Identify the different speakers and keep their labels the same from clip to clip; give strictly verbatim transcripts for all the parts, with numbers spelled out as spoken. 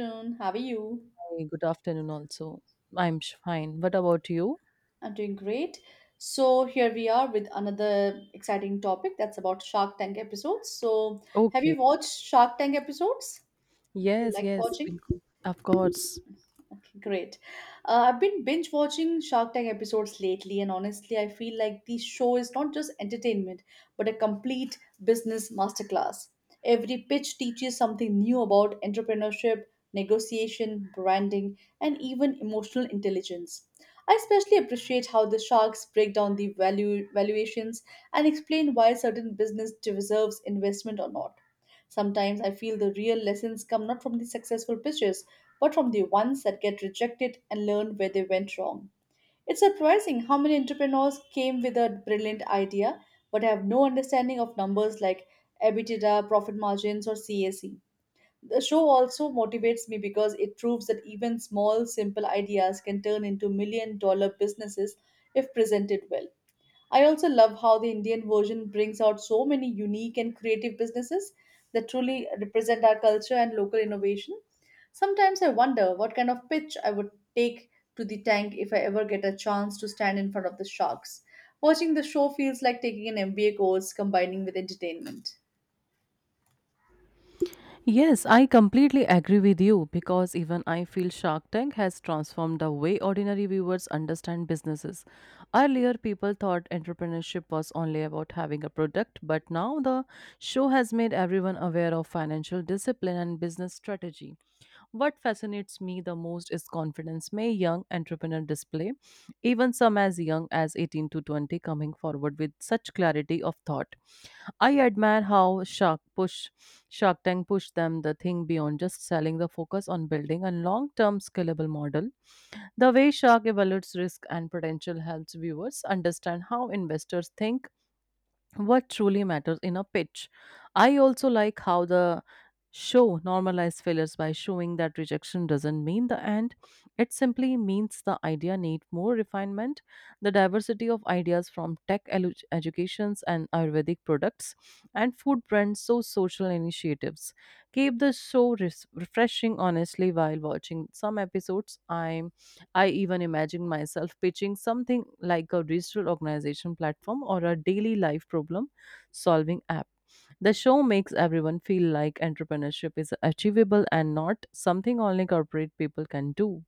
Speaker 1: Afternoon. How are you?
Speaker 2: Hey, good afternoon also. I'm sh- fine. What about you?
Speaker 1: I'm doing great. So here we are with another exciting topic that's about Shark Tank episodes. So have
Speaker 2: Okay.
Speaker 1: you watched Shark Tank episodes? You
Speaker 2: Yes,
Speaker 1: liked
Speaker 2: yes,
Speaker 1: watching?
Speaker 2: bilkul. Of course.
Speaker 1: Okay, great. Uh, I've been binge watching Shark Tank episodes lately, and honestly, I feel like the show is not just entertainment, but a complete business masterclass. Every pitch teaches something new about entrepreneurship, negotiation, branding, and even emotional intelligence. I especially appreciate how the sharks break down the value valuations and explain why certain business deserves investment or not. Sometimes I feel the real lessons come not from the successful pitches, but from the ones that get rejected and learn where they went wrong. It's surprising how many entrepreneurs came with a brilliant idea but have no understanding of numbers like EBITDA, profit margins, or C A C. The show also motivates me because it proves that even small, simple ideas can turn into million dollar businesses if presented well. I also love how the Indian version brings out so many unique and creative businesses that truly represent our culture and local innovation. Sometimes I wonder what kind of pitch I would take to the tank if I ever get a chance to stand in front of the sharks. Watching the show feels like taking an M B A course combining with entertainment.
Speaker 2: Yes, I completely agree with you because even I feel Shark Tank has transformed the way ordinary viewers understand businesses. Earlier, people thought entrepreneurship was only about having a product, but now the show has made everyone aware of financial discipline and business strategy. What fascinates me the most is confidence may young entrepreneur display, even some as young as eighteen to twenty coming forward with such clarity of thought. I admire how Shark Push, Shark Tank pushed them the thing beyond just selling the focus on building a long-term scalable model. The way Shark evaluates risk and potential helps viewers understand how investors think what truly matters in a pitch. I also like how the show normalized failures by showing that rejection doesn't mean the end. It simply means the idea need more refinement. The diversity of ideas from tech elu- educations and Ayurvedic products and food brands so social initiatives keep the show res- refreshing. Honestly, while watching some episodes, I'm I even imagine myself pitching something like a digital organization platform or a daily life problem solving app. The show makes everyone feel like entrepreneurship is achievable and not something only corporate people can do.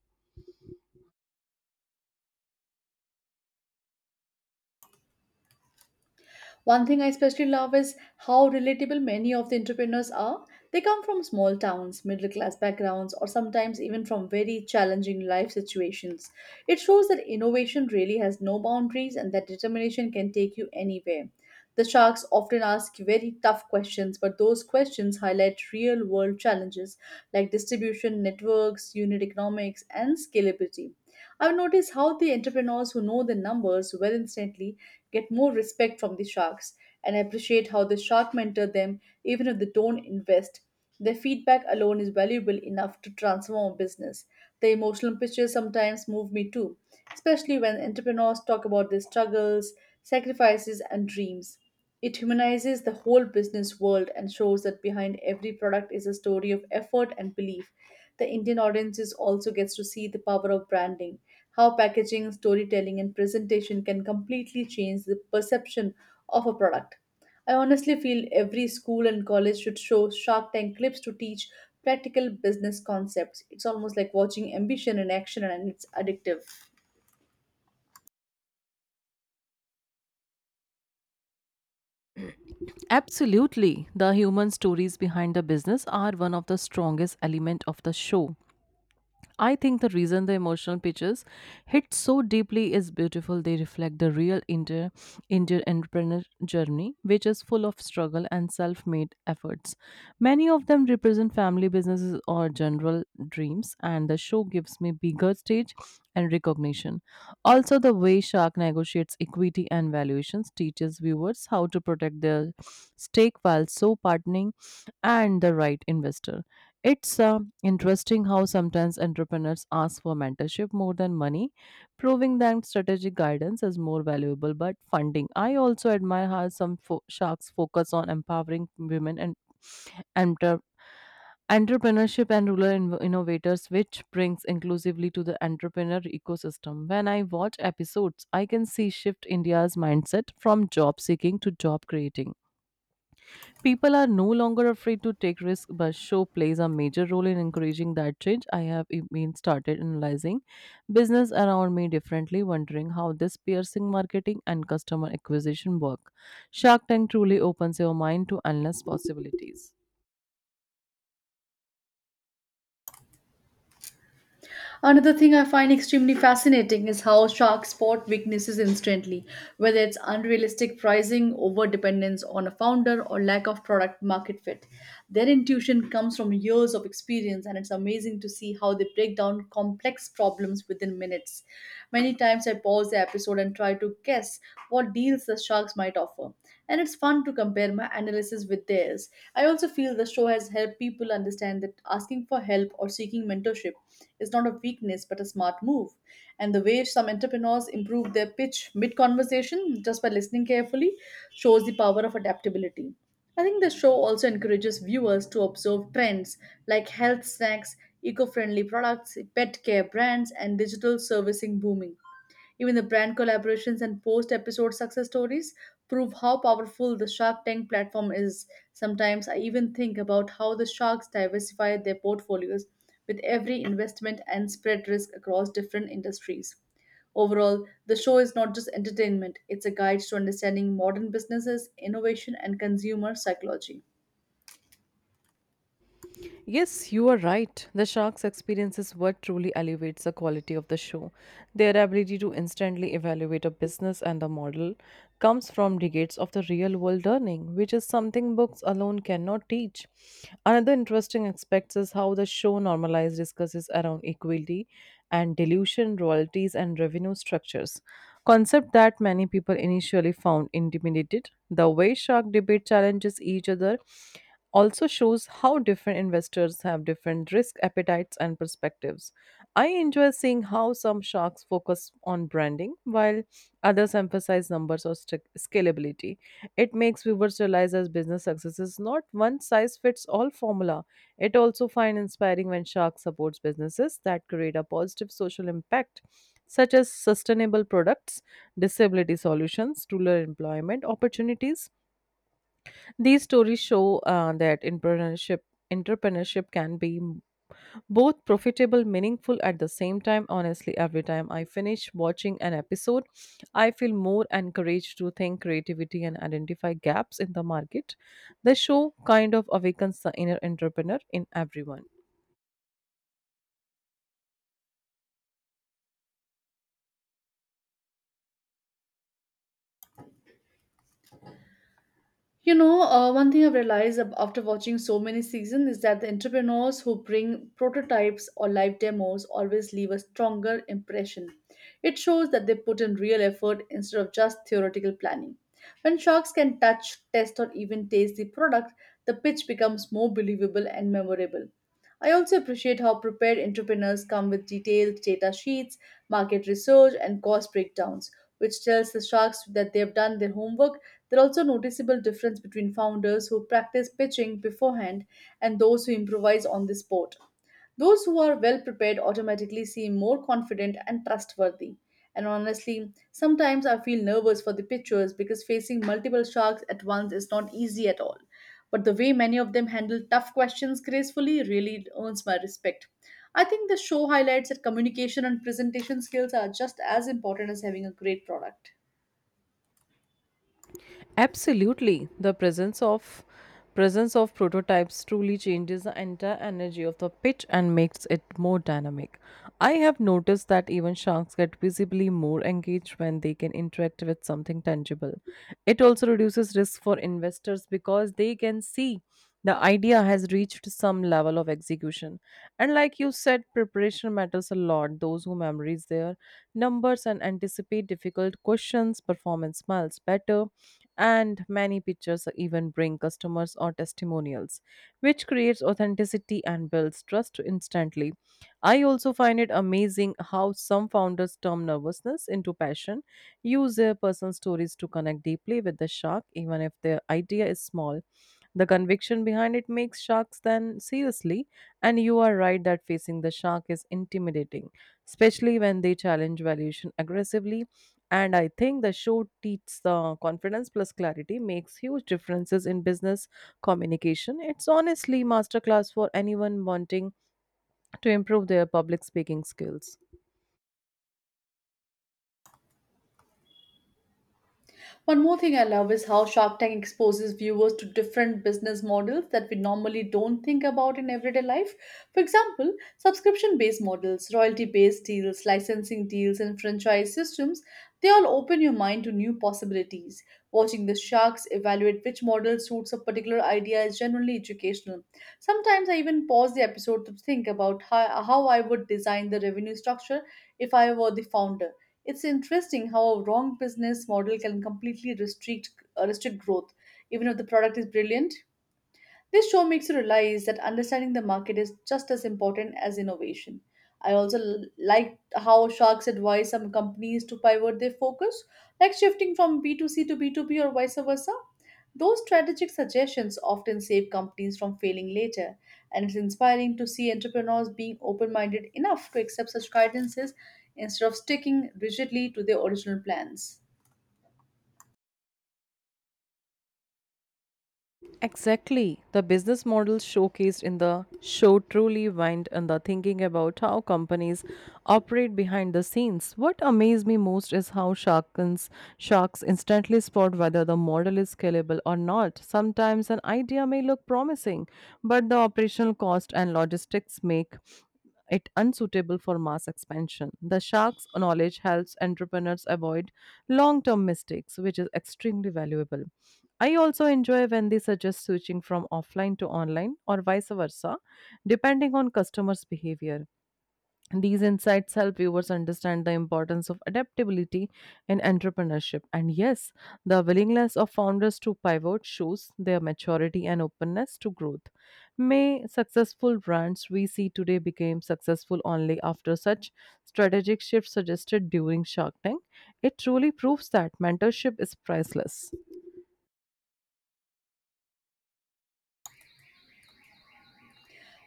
Speaker 1: One thing I especially love is how relatable many of the entrepreneurs are. They come from small towns, middle class backgrounds, or sometimes even from very challenging life situations. It shows that innovation really has no boundaries and that determination can take you anywhere. The sharks often ask very tough questions, but those questions highlight real world challenges like distribution networks, unit economics, and scalability. I've noticed how the entrepreneurs who know the numbers well instantly get more respect from the sharks and appreciate how the shark mentor them even if they don't invest. Their feedback alone is valuable enough to transform a business. The emotional pictures sometimes move me too, especially when entrepreneurs talk about their struggles, sacrifices, and dreams. It humanizes the whole business world and shows that behind every product is a story of effort and belief. The Indian audiences also gets to see the power of branding, how packaging, storytelling, and presentation can completely change the perception of a product. I honestly feel every school and college should show Shark Tank clips to teach practical business concepts. It's almost like watching ambition in action and it's addictive.
Speaker 2: Absolutely. The human stories behind the business are one of the strongest elements of the show. I think the reason the emotional pictures hit so deeply is beautiful. They reflect the real inter Indian entrepreneur journey, which is full of struggle and self-made efforts. Many of them represent family businesses or general dreams, and the show gives me bigger stage and recognition. Also, the way Shark negotiates equity and valuations teaches viewers how to protect their stake while so partnering and the right investor. It's uh, interesting how sometimes entrepreneurs ask for mentorship more than money, proving that strategic guidance is more valuable but funding. I also admire how some fo- sharks focus on empowering women and entre- entrepreneurship and rural inv- innovators, which brings inclusively to the entrepreneur ecosystem. When I watch episodes, I can see shift India's mindset from job seeking to job creating. People are no longer afraid to take risks, but show plays a major role in encouraging that change. I have e- been started analyzing business around me differently, wondering how this piercing marketing and customer acquisition work. Shark Tank truly opens your mind to endless possibilities.
Speaker 1: Another thing I find extremely fascinating is how sharks spot weaknesses instantly, whether it's unrealistic pricing, over dependence on a founder, or lack of product market fit. Their intuition comes from years of experience, and it's amazing to see how they break down complex problems within minutes. Many times I pause the episode and try to guess what deals the sharks might offer and it's fun to compare my analysis with theirs. I also feel the show has helped people understand that asking for help or seeking mentorship is not a weakness but a smart move. And the way some entrepreneurs improve their pitch mid conversation just by listening carefully shows the power of adaptability. I think the show also encourages viewers to observe trends like health snacks, eco friendly products, pet care brands, and digital servicing booming. Even the brand collaborations and post episode success stories prove how powerful the Shark Tank platform is. Sometimes I even think about how the sharks diversify their portfolios with every investment and spread risk across different industries. Overall, the show is not just entertainment, it's a guide to understanding modern businesses, innovation, and consumer psychology.
Speaker 2: Yes, you are right. The sharks' experience is what truly elevates the quality of the show. Their ability to instantly evaluate a business and the model comes from decades of the real world learning, which is something books alone cannot teach. Another interesting aspect is how the show normalized discusses around equality and dilution royalties, and revenue structures. Concept that many people initially found intimidated. The way shark debate challenges each other also shows how different investors have different risk appetites and perspectives. I enjoy seeing how some sharks focus on branding while others emphasize numbers or st- scalability. It makes viewers realize that business success is not one size fits all formula. It also find inspiring when shark supports businesses that create a positive social impact such as sustainable products, disability solutions, rural employment opportunities. These stories show uh, that entrepreneurship entrepreneurship can be m- both profitable meaningful at the same time. Honestly, every time I finish watching an episode, I feel more encouraged to think creativity and identify gaps in the market. The show kind of awakens the inner entrepreneur in everyone.
Speaker 1: You know, uh, one thing I've realized ab- after watching so many seasons is that the entrepreneurs who bring prototypes or live demos always leave a stronger impression. It shows that they put in real effort instead of just theoretical planning. When sharks can touch, test, or even taste the product, the pitch becomes more believable and memorable. I also appreciate how prepared entrepreneurs come with detailed data sheets, market research, and cost breakdowns, which tells the sharks that they have done their homework. There are also noticeable difference between founders who practice pitching beforehand and those who improvise on the spot. Those who are well prepared automatically seem more confident and trustworthy. And honestly, sometimes I feel nervous for the pitchers because facing multiple sharks at once is not easy at all. But the way many of them handle tough questions gracefully really earns my respect. I think the show highlights that communication and presentation skills are just as important as having a great product.
Speaker 2: Absolutely. The presence of presence of prototypes truly changes the entire energy of the pitch and makes it more dynamic. I have noticed that even sharks get visibly more engaged when they can interact with something tangible. It also reduces risk for investors because they can see the idea has reached some level of execution. And like you said, preparation matters a lot. Those who memorize their numbers and anticipate difficult questions, performance smiles better and many pictures even bring customers or testimonials, which creates authenticity and builds trust instantly. I also find it amazing how some founders turn nervousness into passion, use their personal stories to connect deeply with the shark, even if their idea is small. The conviction behind it makes sharks then seriously, and you are right that facing the shark is intimidating, especially when they challenge valuation aggressively. And I think the show teaches the confidence plus clarity makes huge differences in business communication. It's honestly masterclass for anyone wanting to improve their public speaking skills.
Speaker 1: One more thing I love is how Shark Tank exposes viewers to different business models that we normally don't think about in everyday life. For example, subscription based models, royalty based deals, licensing deals, and franchise systems, they all open your mind to new possibilities. Watching the sharks evaluate which model suits a particular idea is generally educational. Sometimes I even pause the episode to think about how, how I would design the revenue structure if I were the founder. It's interesting how a wrong business model can completely restrict uh, restrict growth, even if the product is brilliant. This show makes you realize that understanding the market is just as important as innovation. I also l- liked how sharks advise some companies to pivot their focus, like shifting from B two C to B two B or vice versa. Those strategic suggestions often save companies from failing later, and it's inspiring to see entrepreneurs being open minded enough to accept such guidances instead of sticking rigidly to their original plans.
Speaker 2: Exactly. The business models showcased in the show truly went and the thinking about how companies operate behind the scenes. What amazed me most is how sharks, sharks instantly spot whether the model is scalable or not. Sometimes an idea may look promising, but the operational cost and logistics make it unsuitable for mass expansion. The shark's knowledge helps entrepreneurs avoid long term mistakes, which is extremely valuable. I also enjoy when they suggest switching from offline to online or vice versa, depending on customers' behavior. These insights help viewers understand the importance of adaptability in entrepreneurship. And yes, the willingness of founders to pivot shows their maturity and openness to growth. May successful brands we see today became successful only after such strategic shifts suggested during Shark Tank. It truly proves that mentorship is priceless.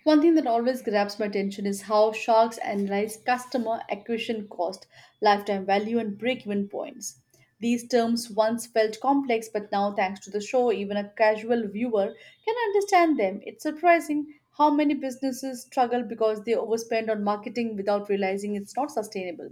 Speaker 1: One thing that always grabs my attention is how sharks analyze customer acquisition cost, lifetime value, and break even points. These terms once felt complex, but now, thanks to the show, even a casual viewer can understand them. It's surprising how many businesses struggle because they overspend on marketing without realizing it's not sustainable.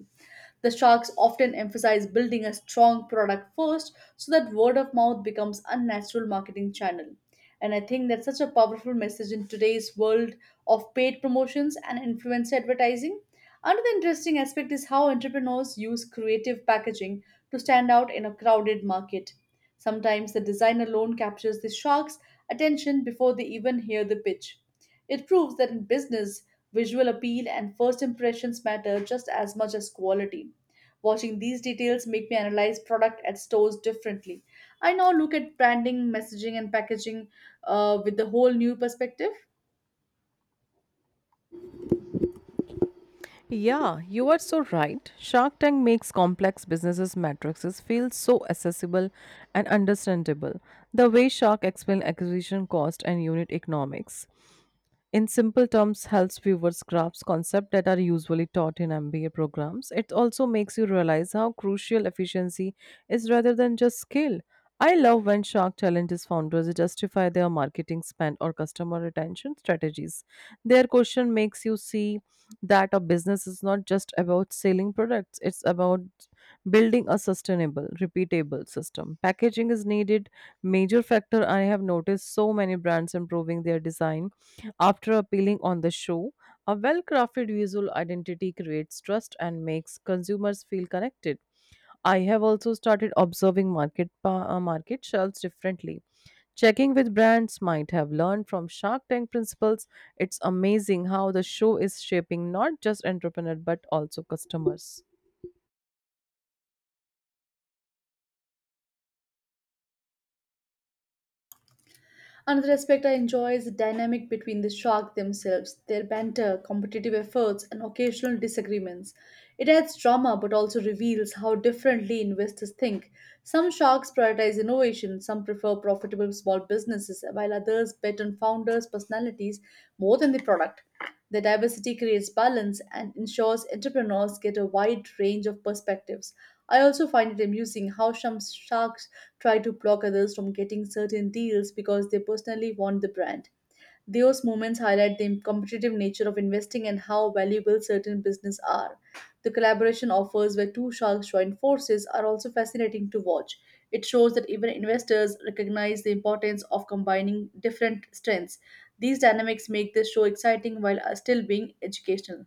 Speaker 1: The sharks often emphasize building a strong product first so that word of mouth becomes a natural marketing channel. And I think that's such a powerful message in today's world of paid promotions and influencer advertising. Another interesting aspect is how entrepreneurs use creative packaging to stand out in a crowded market. Sometimes the design alone captures the shark's attention before they even hear the pitch. It proves that in business, visual appeal and first impressions matter just as much as quality. Watching these details make me analyze product at stores differently. I now look at branding, messaging, and packaging uh, with the whole new perspective.
Speaker 2: Yeah, you are so right. Shark Tank makes complex businesses matrices feel so accessible and understandable. The way Shark explains acquisition cost and unit economics, in simple terms, helps viewers grasp concepts that are usually taught in M B A programs. It also makes you realize how crucial efficiency is rather than just skill. I love when Shark challenges founders justify their marketing spend or customer retention strategies. Their question makes you see that a business is not just about selling products, it's about building a sustainable, repeatable system. Packaging is needed major factor. I have noticed so many brands improving their design after appealing on the show. A well crafted visual identity creates trust and makes consumers feel connected. I have also started observing market, pa- uh, market shelves differently. Checking with brands might have learned from Shark Tank principles. It's amazing how the show is shaping not just entrepreneurs but also customers.
Speaker 1: Another aspect I enjoy is the dynamic between the shark themselves, their banter, competitive efforts, and occasional disagreements. It adds drama but also reveals how differently investors think. Some sharks prioritize innovation, some prefer profitable small businesses, while others bet on founders' personalities more than the product. The diversity creates balance and ensures entrepreneurs get a wide range of perspectives. I also find it amusing how some sharks try to block others from getting certain deals because they personally want the brand. Those moments highlight the competitive nature of investing and how valuable certain businesses are. The collaboration offers where two sharks join forces are also fascinating to watch. It shows that even investors recognize the importance of combining different strengths. These dynamics make this show exciting while uh, still being educational.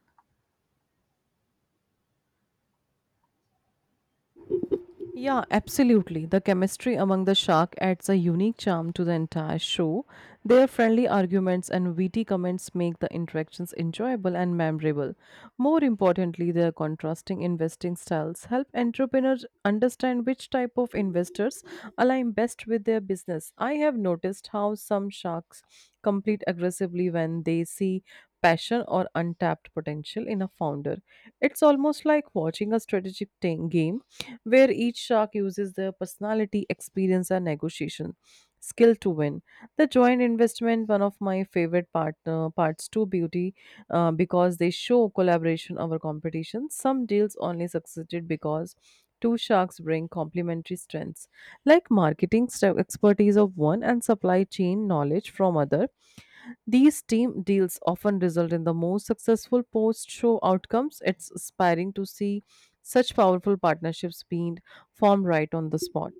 Speaker 2: Yeah, absolutely. The chemistry among the shark adds a unique charm to the entire show. Their friendly arguments and witty comments make the interactions enjoyable and memorable. More importantly, their contrasting investing styles help entrepreneurs understand which type of investors align best with their business. I have noticed how some sharks compete aggressively when they see passion or untapped potential in a founder. It's almost like watching a strategic ta- game where each shark uses their personality, experience, and negotiation skill to win. The joint investment, one of my favorite part, uh, parts to beauty, uh, because they show collaboration over competition. Some deals only succeeded because two sharks bring complementary strengths like marketing st- expertise of one and supply chain knowledge from other. These team deals often result in the most successful post show outcomes. It's inspiring to see such powerful partnerships being formed right on the spot.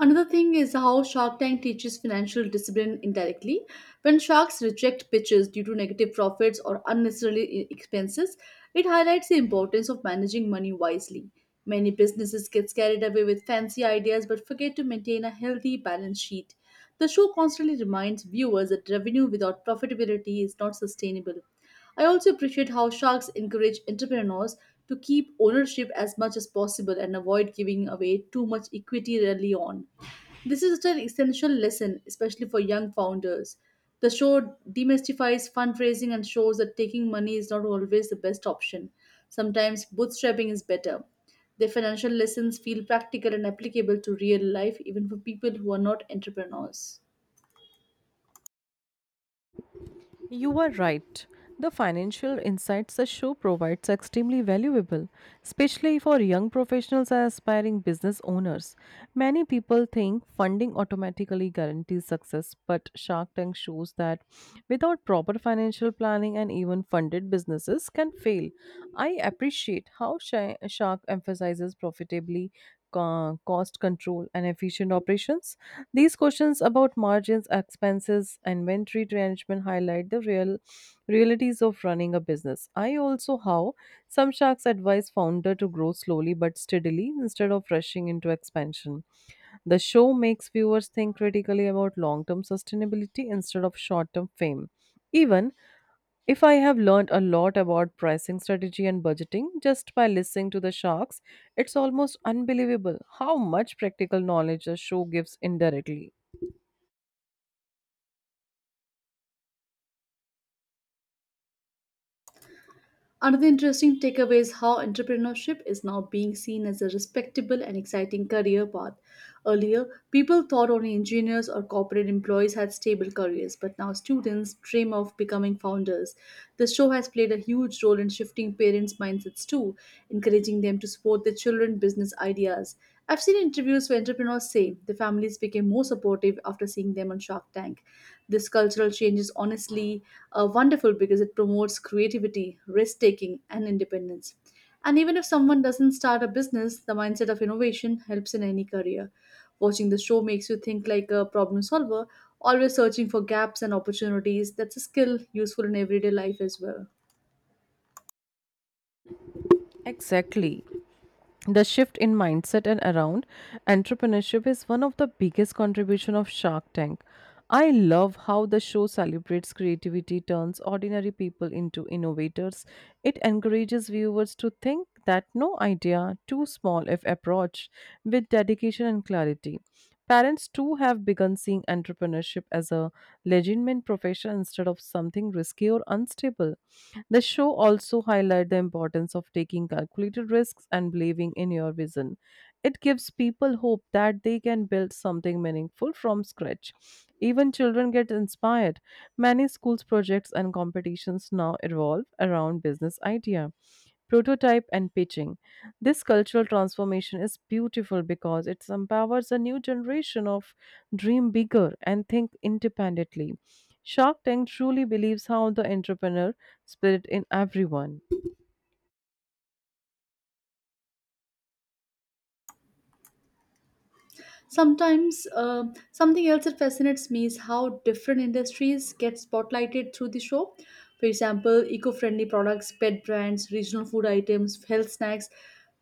Speaker 1: Another thing is how Shark Tank teaches financial discipline indirectly. When sharks reject pitches due to negative profits or unnecessary i- expenses, it highlights the importance of managing money wisely. Many businesses get carried away with fancy ideas but forget to maintain a healthy balance sheet. The show constantly reminds viewers that revenue without profitability is not sustainable. I also appreciate how sharks encourage entrepreneurs to keep ownership as much as possible and avoid giving away too much equity early on. This is such an essential lesson, especially for young founders. The show demystifies fundraising and shows that taking money is not always the best option. Sometimes bootstrapping is better. Their financial lessons feel practical and applicable to real life, even for people who are not entrepreneurs.
Speaker 2: You are right. The financial insights the show provides are extremely valuable, especially for young professionals and aspiring business owners. Many people think funding automatically guarantees success, but Shark Tank shows that without proper financial planning and even funded businesses can fail. I appreciate how Shi- Shark emphasizes profitably co- cost control and efficient operations. These questions about margins, expenses, inventory management highlight the real realities of running a business. I also how some sharks advise founder to grow slowly but steadily instead of rushing into expansion. The show makes viewers think critically about long-term sustainability instead of short-term fame. Even if I have learned a lot about pricing strategy and budgeting just by listening to the sharks, it's almost unbelievable how much practical knowledge the show gives indirectly.
Speaker 1: Another interesting takeaway is how entrepreneurship is now being seen as a respectable and exciting career path. Earlier, people thought only engineers or corporate employees had stable careers, but now students dream of becoming founders. The show has played a huge role in shifting parents' mindsets too, encouraging them to support their children's business ideas. I've seen interviews where entrepreneurs say the family families became more supportive after seeing them on Shark Tank. This cultural change is honestly uh, wonderful because it promotes creativity, risk taking, and independence. And even if someone doesn't start a business, the mindset of innovation helps in any career. Watching the show makes you think like a problem solver, always searching for gaps and opportunities. That's a skill useful in everyday life as well.
Speaker 2: Exactly. The shift in mindset and around entrepreneurship is one of the biggest contribution of Shark Tank. I love how the show celebrates creativity, turns ordinary people into innovators. It encourages viewers to think that no idea too small if approached with dedication and clarity. Parents too have begun seeing entrepreneurship as a legitimate profession instead of something risky or unstable. The show also highlighted the importance of taking calculated risks and believing in your vision. It gives people hope that they can build something meaningful from scratch. Even children get inspired. Many schools projects and competitions now revolve around business idea, prototype and pitching. This cultural transformation is beautiful because it empowers a new generation of dream bigger and think independently. Shark Tank truly believes how the entrepreneur spirit in everyone.
Speaker 1: Sometimes, uh, Something else that fascinates me is how different industries get spotlighted through the show. For example, eco friendly products, pet brands, regional food items, health snacks,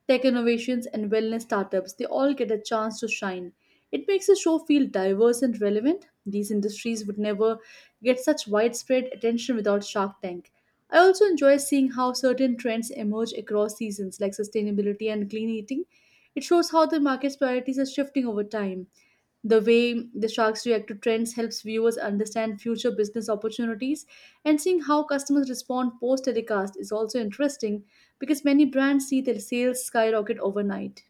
Speaker 1: tech innovations, and wellness startups. They all get a chance to shine. It makes the show feel diverse and relevant. These industries would never get such widespread attention without Shark Tank. I also enjoy seeing how certain trends emerge across seasons, like sustainability and clean eating. It shows how the market's priorities are shifting over time. The way the sharks react to trends helps viewers understand future business opportunities, and seeing how customers respond post telecast is also interesting because many brands see their sales skyrocket overnight.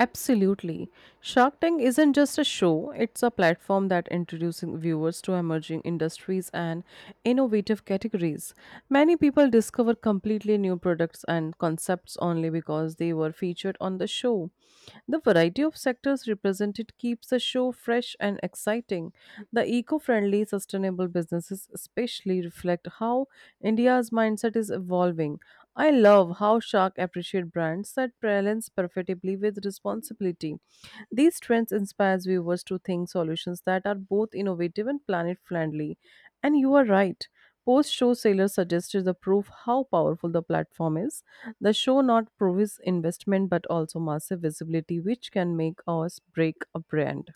Speaker 2: Absolutely. Shark Tank isn't just a show, it's a platform that introduces viewers to emerging industries and innovative categories. Many people discover completely new products and concepts only because they were featured on the show. The variety of sectors represented keeps the show fresh and exciting. The eco friendly, sustainable businesses especially reflect how India's mindset is evolving. I love how Shark appreciate brands that balance profitably with responsibility. These trends inspires viewers to think solutions that are both innovative and planet friendly. And you are right. Post show Sailor suggested the proof how powerful the platform is. The show not provides investment but also massive visibility, which can make or break a brand.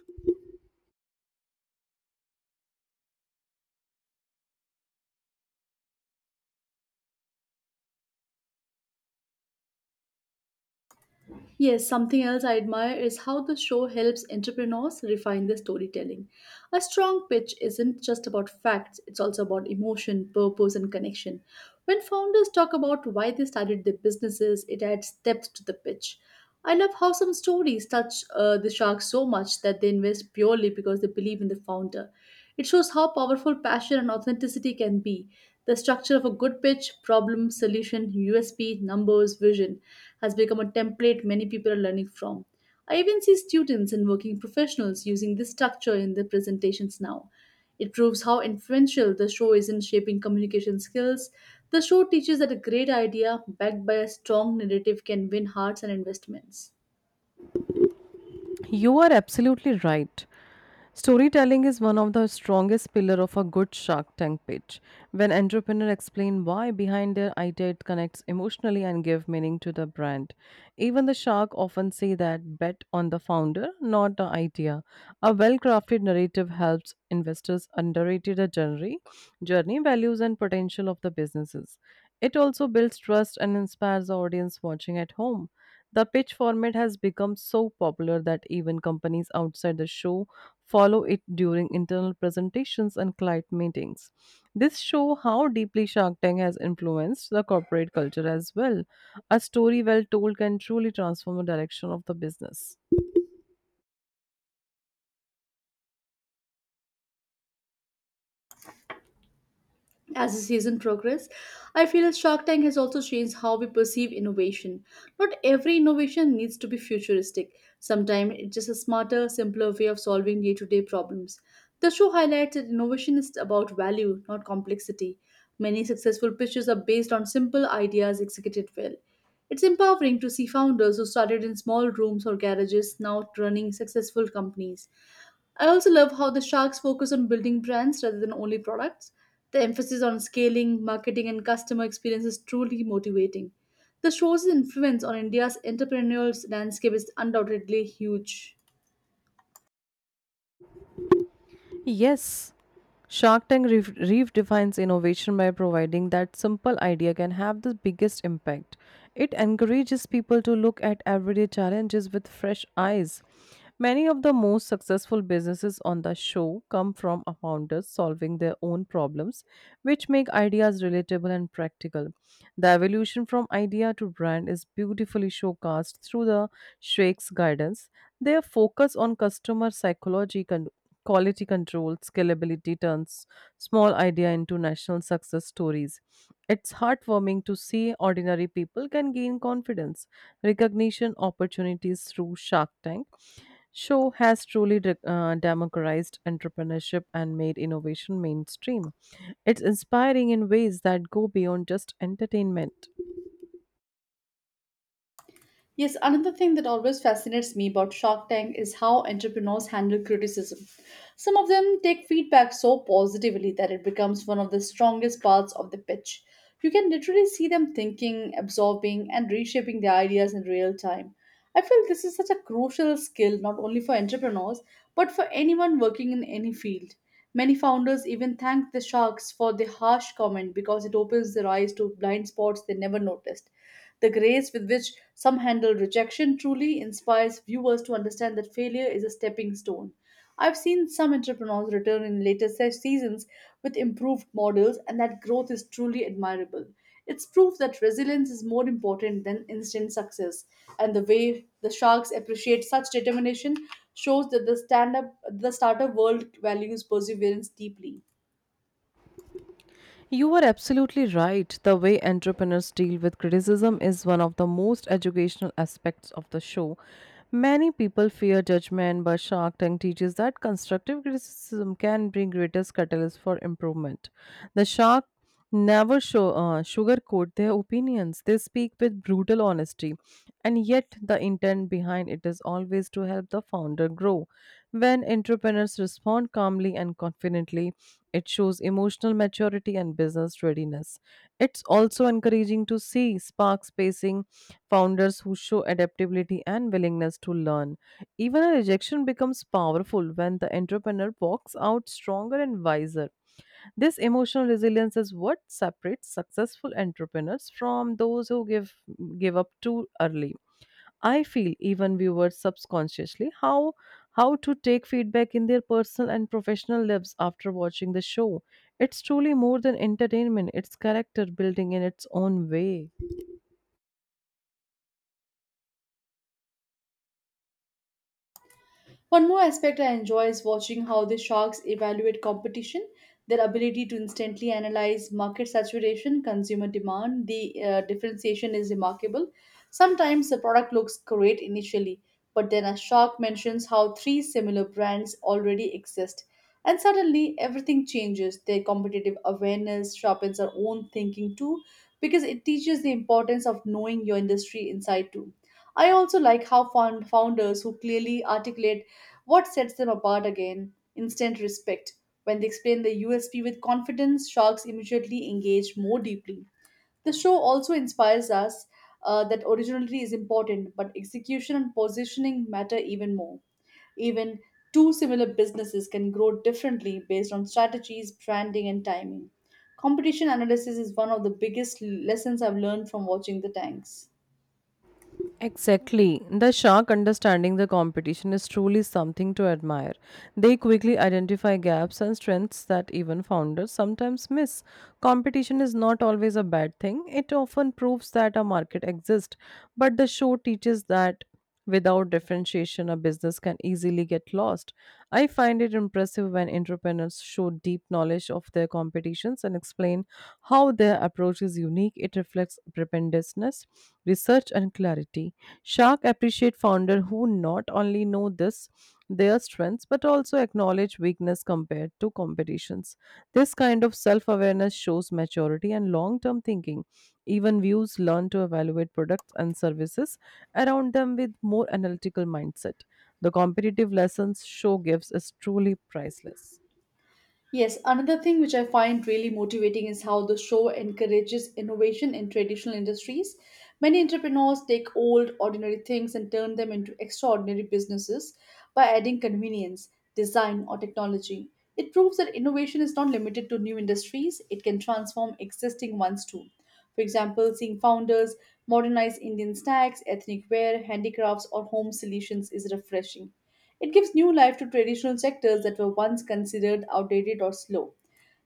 Speaker 1: Yes, something else I admire is how the show helps entrepreneurs refine their storytelling. A strong pitch isn't just about facts, it's also about emotion, purpose, and connection. When founders talk about why they started their businesses, it adds depth to the pitch. I love how some stories touch uh, the shark so much that they invest purely because they believe in the founder. It shows how powerful passion and authenticity can be. The structure of a good pitch, problem, solution, U S P, numbers, vision has become a template many people are learning from. I even see students and working professionals using this structure in their presentations now. It proves how influential the show is in shaping communication skills. The show teaches that a great idea backed by a strong narrative can win hearts and investments.
Speaker 2: You are absolutely right. Storytelling is one of the strongest pillar of a good Shark Tank pitch. When entrepreneurs explain why behind their idea, it connects emotionally and give meaning to the brand. Even the shark often say that bet on the founder, not the idea. A well-crafted narrative helps investors underrate the journey, journey values and potential of the businesses. It also builds trust and inspires the audience watching at home. The pitch format has become so popular that even companies outside the show follow it during internal presentations and client meetings. This show how deeply Shark Tank has influenced the corporate culture as well. A story well told can truly transform the direction of the business.
Speaker 1: As the season progresses, I feel Shark Tank has also changed how we perceive innovation. Not every innovation needs to be futuristic. Sometimes it's just a smarter, simpler way of solving day to day problems. The show highlights that innovation is about value, not complexity. Many successful pitches are based on simple ideas executed well. It's empowering to see founders who started in small rooms or garages now running successful companies. I also love how the Sharks focus on building brands rather than only products. The emphasis on scaling, marketing, and customer experience is truly motivating. The show's influence on India's entrepreneurial landscape is undoubtedly huge.
Speaker 2: Yes, Shark Tank re- redefines innovation by providing that simple idea can have the biggest impact. It encourages people to look at everyday challenges with fresh eyes. Many of the most successful businesses on the show come from founders solving their own problems, which make ideas relatable and practical. The evolution from idea to brand is beautifully showcased through the Shrek's guidance. Their focus on customer psychology con- quality control, scalability turns small idea into national success stories. It's heartwarming to see ordinary people can gain confidence, recognition opportunities through Shark Tank. Show has truly de- uh, democratized entrepreneurship and made innovation mainstream. It's inspiring in ways that go beyond just entertainment.
Speaker 1: Yes, another thing that always fascinates me about Shark Tank is how entrepreneurs handle criticism. Some of them take feedback so positively that it becomes one of the strongest parts of the pitch. You can literally see them thinking, absorbing, and reshaping their ideas in real time. I feel this is such a crucial skill not only for entrepreneurs but for anyone working in any field. Many founders even thank the sharks for the harsh comment because it opens their eyes to blind spots they never noticed. The grace with which some handle rejection truly inspires viewers to understand that failure is a stepping stone. I've seen some entrepreneurs return in later se- seasons with improved models, and that growth is truly admirable. It's proof that resilience is more important than instant success, and the way the sharks appreciate such determination shows that the stand up the startup world values perseverance deeply.
Speaker 2: You are absolutely right. The way entrepreneurs deal with criticism is one of the most educational aspects of the show. Many people fear judgment, but Shark Tank teaches that constructive criticism can bring greatest catalyst for improvement. The shark never show, uh, sugarcoat their opinions. They speak with brutal honesty, and yet the intent behind it is always to help the founder grow. When entrepreneurs respond calmly and confidently, it shows emotional maturity and business readiness. It's also encouraging to see spark spacing founders who show adaptability and willingness to learn. Even a rejection becomes powerful when the entrepreneur walks out stronger and wiser. This emotional resilience is what separates successful entrepreneurs from those who give give up too early. I feel even viewers subconsciously how how to take feedback in their personal and professional lives after watching the show. It's truly more than entertainment, it's character building in its own way.
Speaker 1: One more aspect I enjoy is watching how the sharks evaluate competition, their ability to instantly analyze market saturation, consumer demand, the uh, differentiation is remarkable. Sometimes the product looks great initially, but then a shark mentions how three similar brands already exist. And suddenly everything changes. Their competitive awareness sharpens our own thinking too, because it teaches the importance of knowing your industry inside too. I also like how found founders who clearly articulate what sets them apart again? Instant respect. When they explain the U S P with confidence, sharks immediately engage more deeply. The show also inspires us uh, that originality is important, but execution and positioning matter even more. Even two similar businesses can grow differently based on strategies, branding, and timing. Competition analysis is one of the biggest lessons I've learned from watching the tanks.
Speaker 2: Exactly. The shark understanding the competition is truly something to admire. They quickly identify gaps and strengths that even founders sometimes miss. Competition is not always a bad thing, it often proves that a market exists, but the show teaches that. Without differentiation, a business can easily get lost. I find it impressive when entrepreneurs show deep knowledge of their competitions and explain how their approach is unique. It reflects preparedness, research, and clarity. Shark appreciate founder who not only know this their strengths but also acknowledge weakness compared to competitions. This kind of self-awareness shows maturity and long-term thinking. Even views learn to evaluate products and services around them with more analytical mindset. The competitive lessons show gives is truly priceless.
Speaker 1: Yes, another thing which I find really motivating is how the show encourages innovation in traditional industries. Many entrepreneurs take old, ordinary things and turn them into extraordinary businesses by adding convenience, design, or technology. It proves that innovation is not limited to new industries, it can transform existing ones too. For example, seeing founders modernize Indian snacks, ethnic wear, handicrafts, or home solutions is refreshing. It gives new life to traditional sectors that were once considered outdated or slow.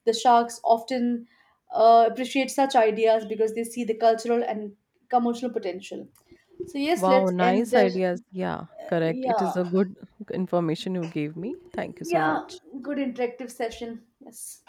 Speaker 1: The sharks often uh, appreciate such ideas because they see the cultural and commercial potential. So yes,
Speaker 2: Wow,
Speaker 1: let's end
Speaker 2: nice
Speaker 1: the
Speaker 2: ideas. Yeah, correct. It is
Speaker 1: yeah.
Speaker 2: a good information you gave me. Thank you so
Speaker 1: yeah
Speaker 2: much.
Speaker 1: Good interactive session. Yes.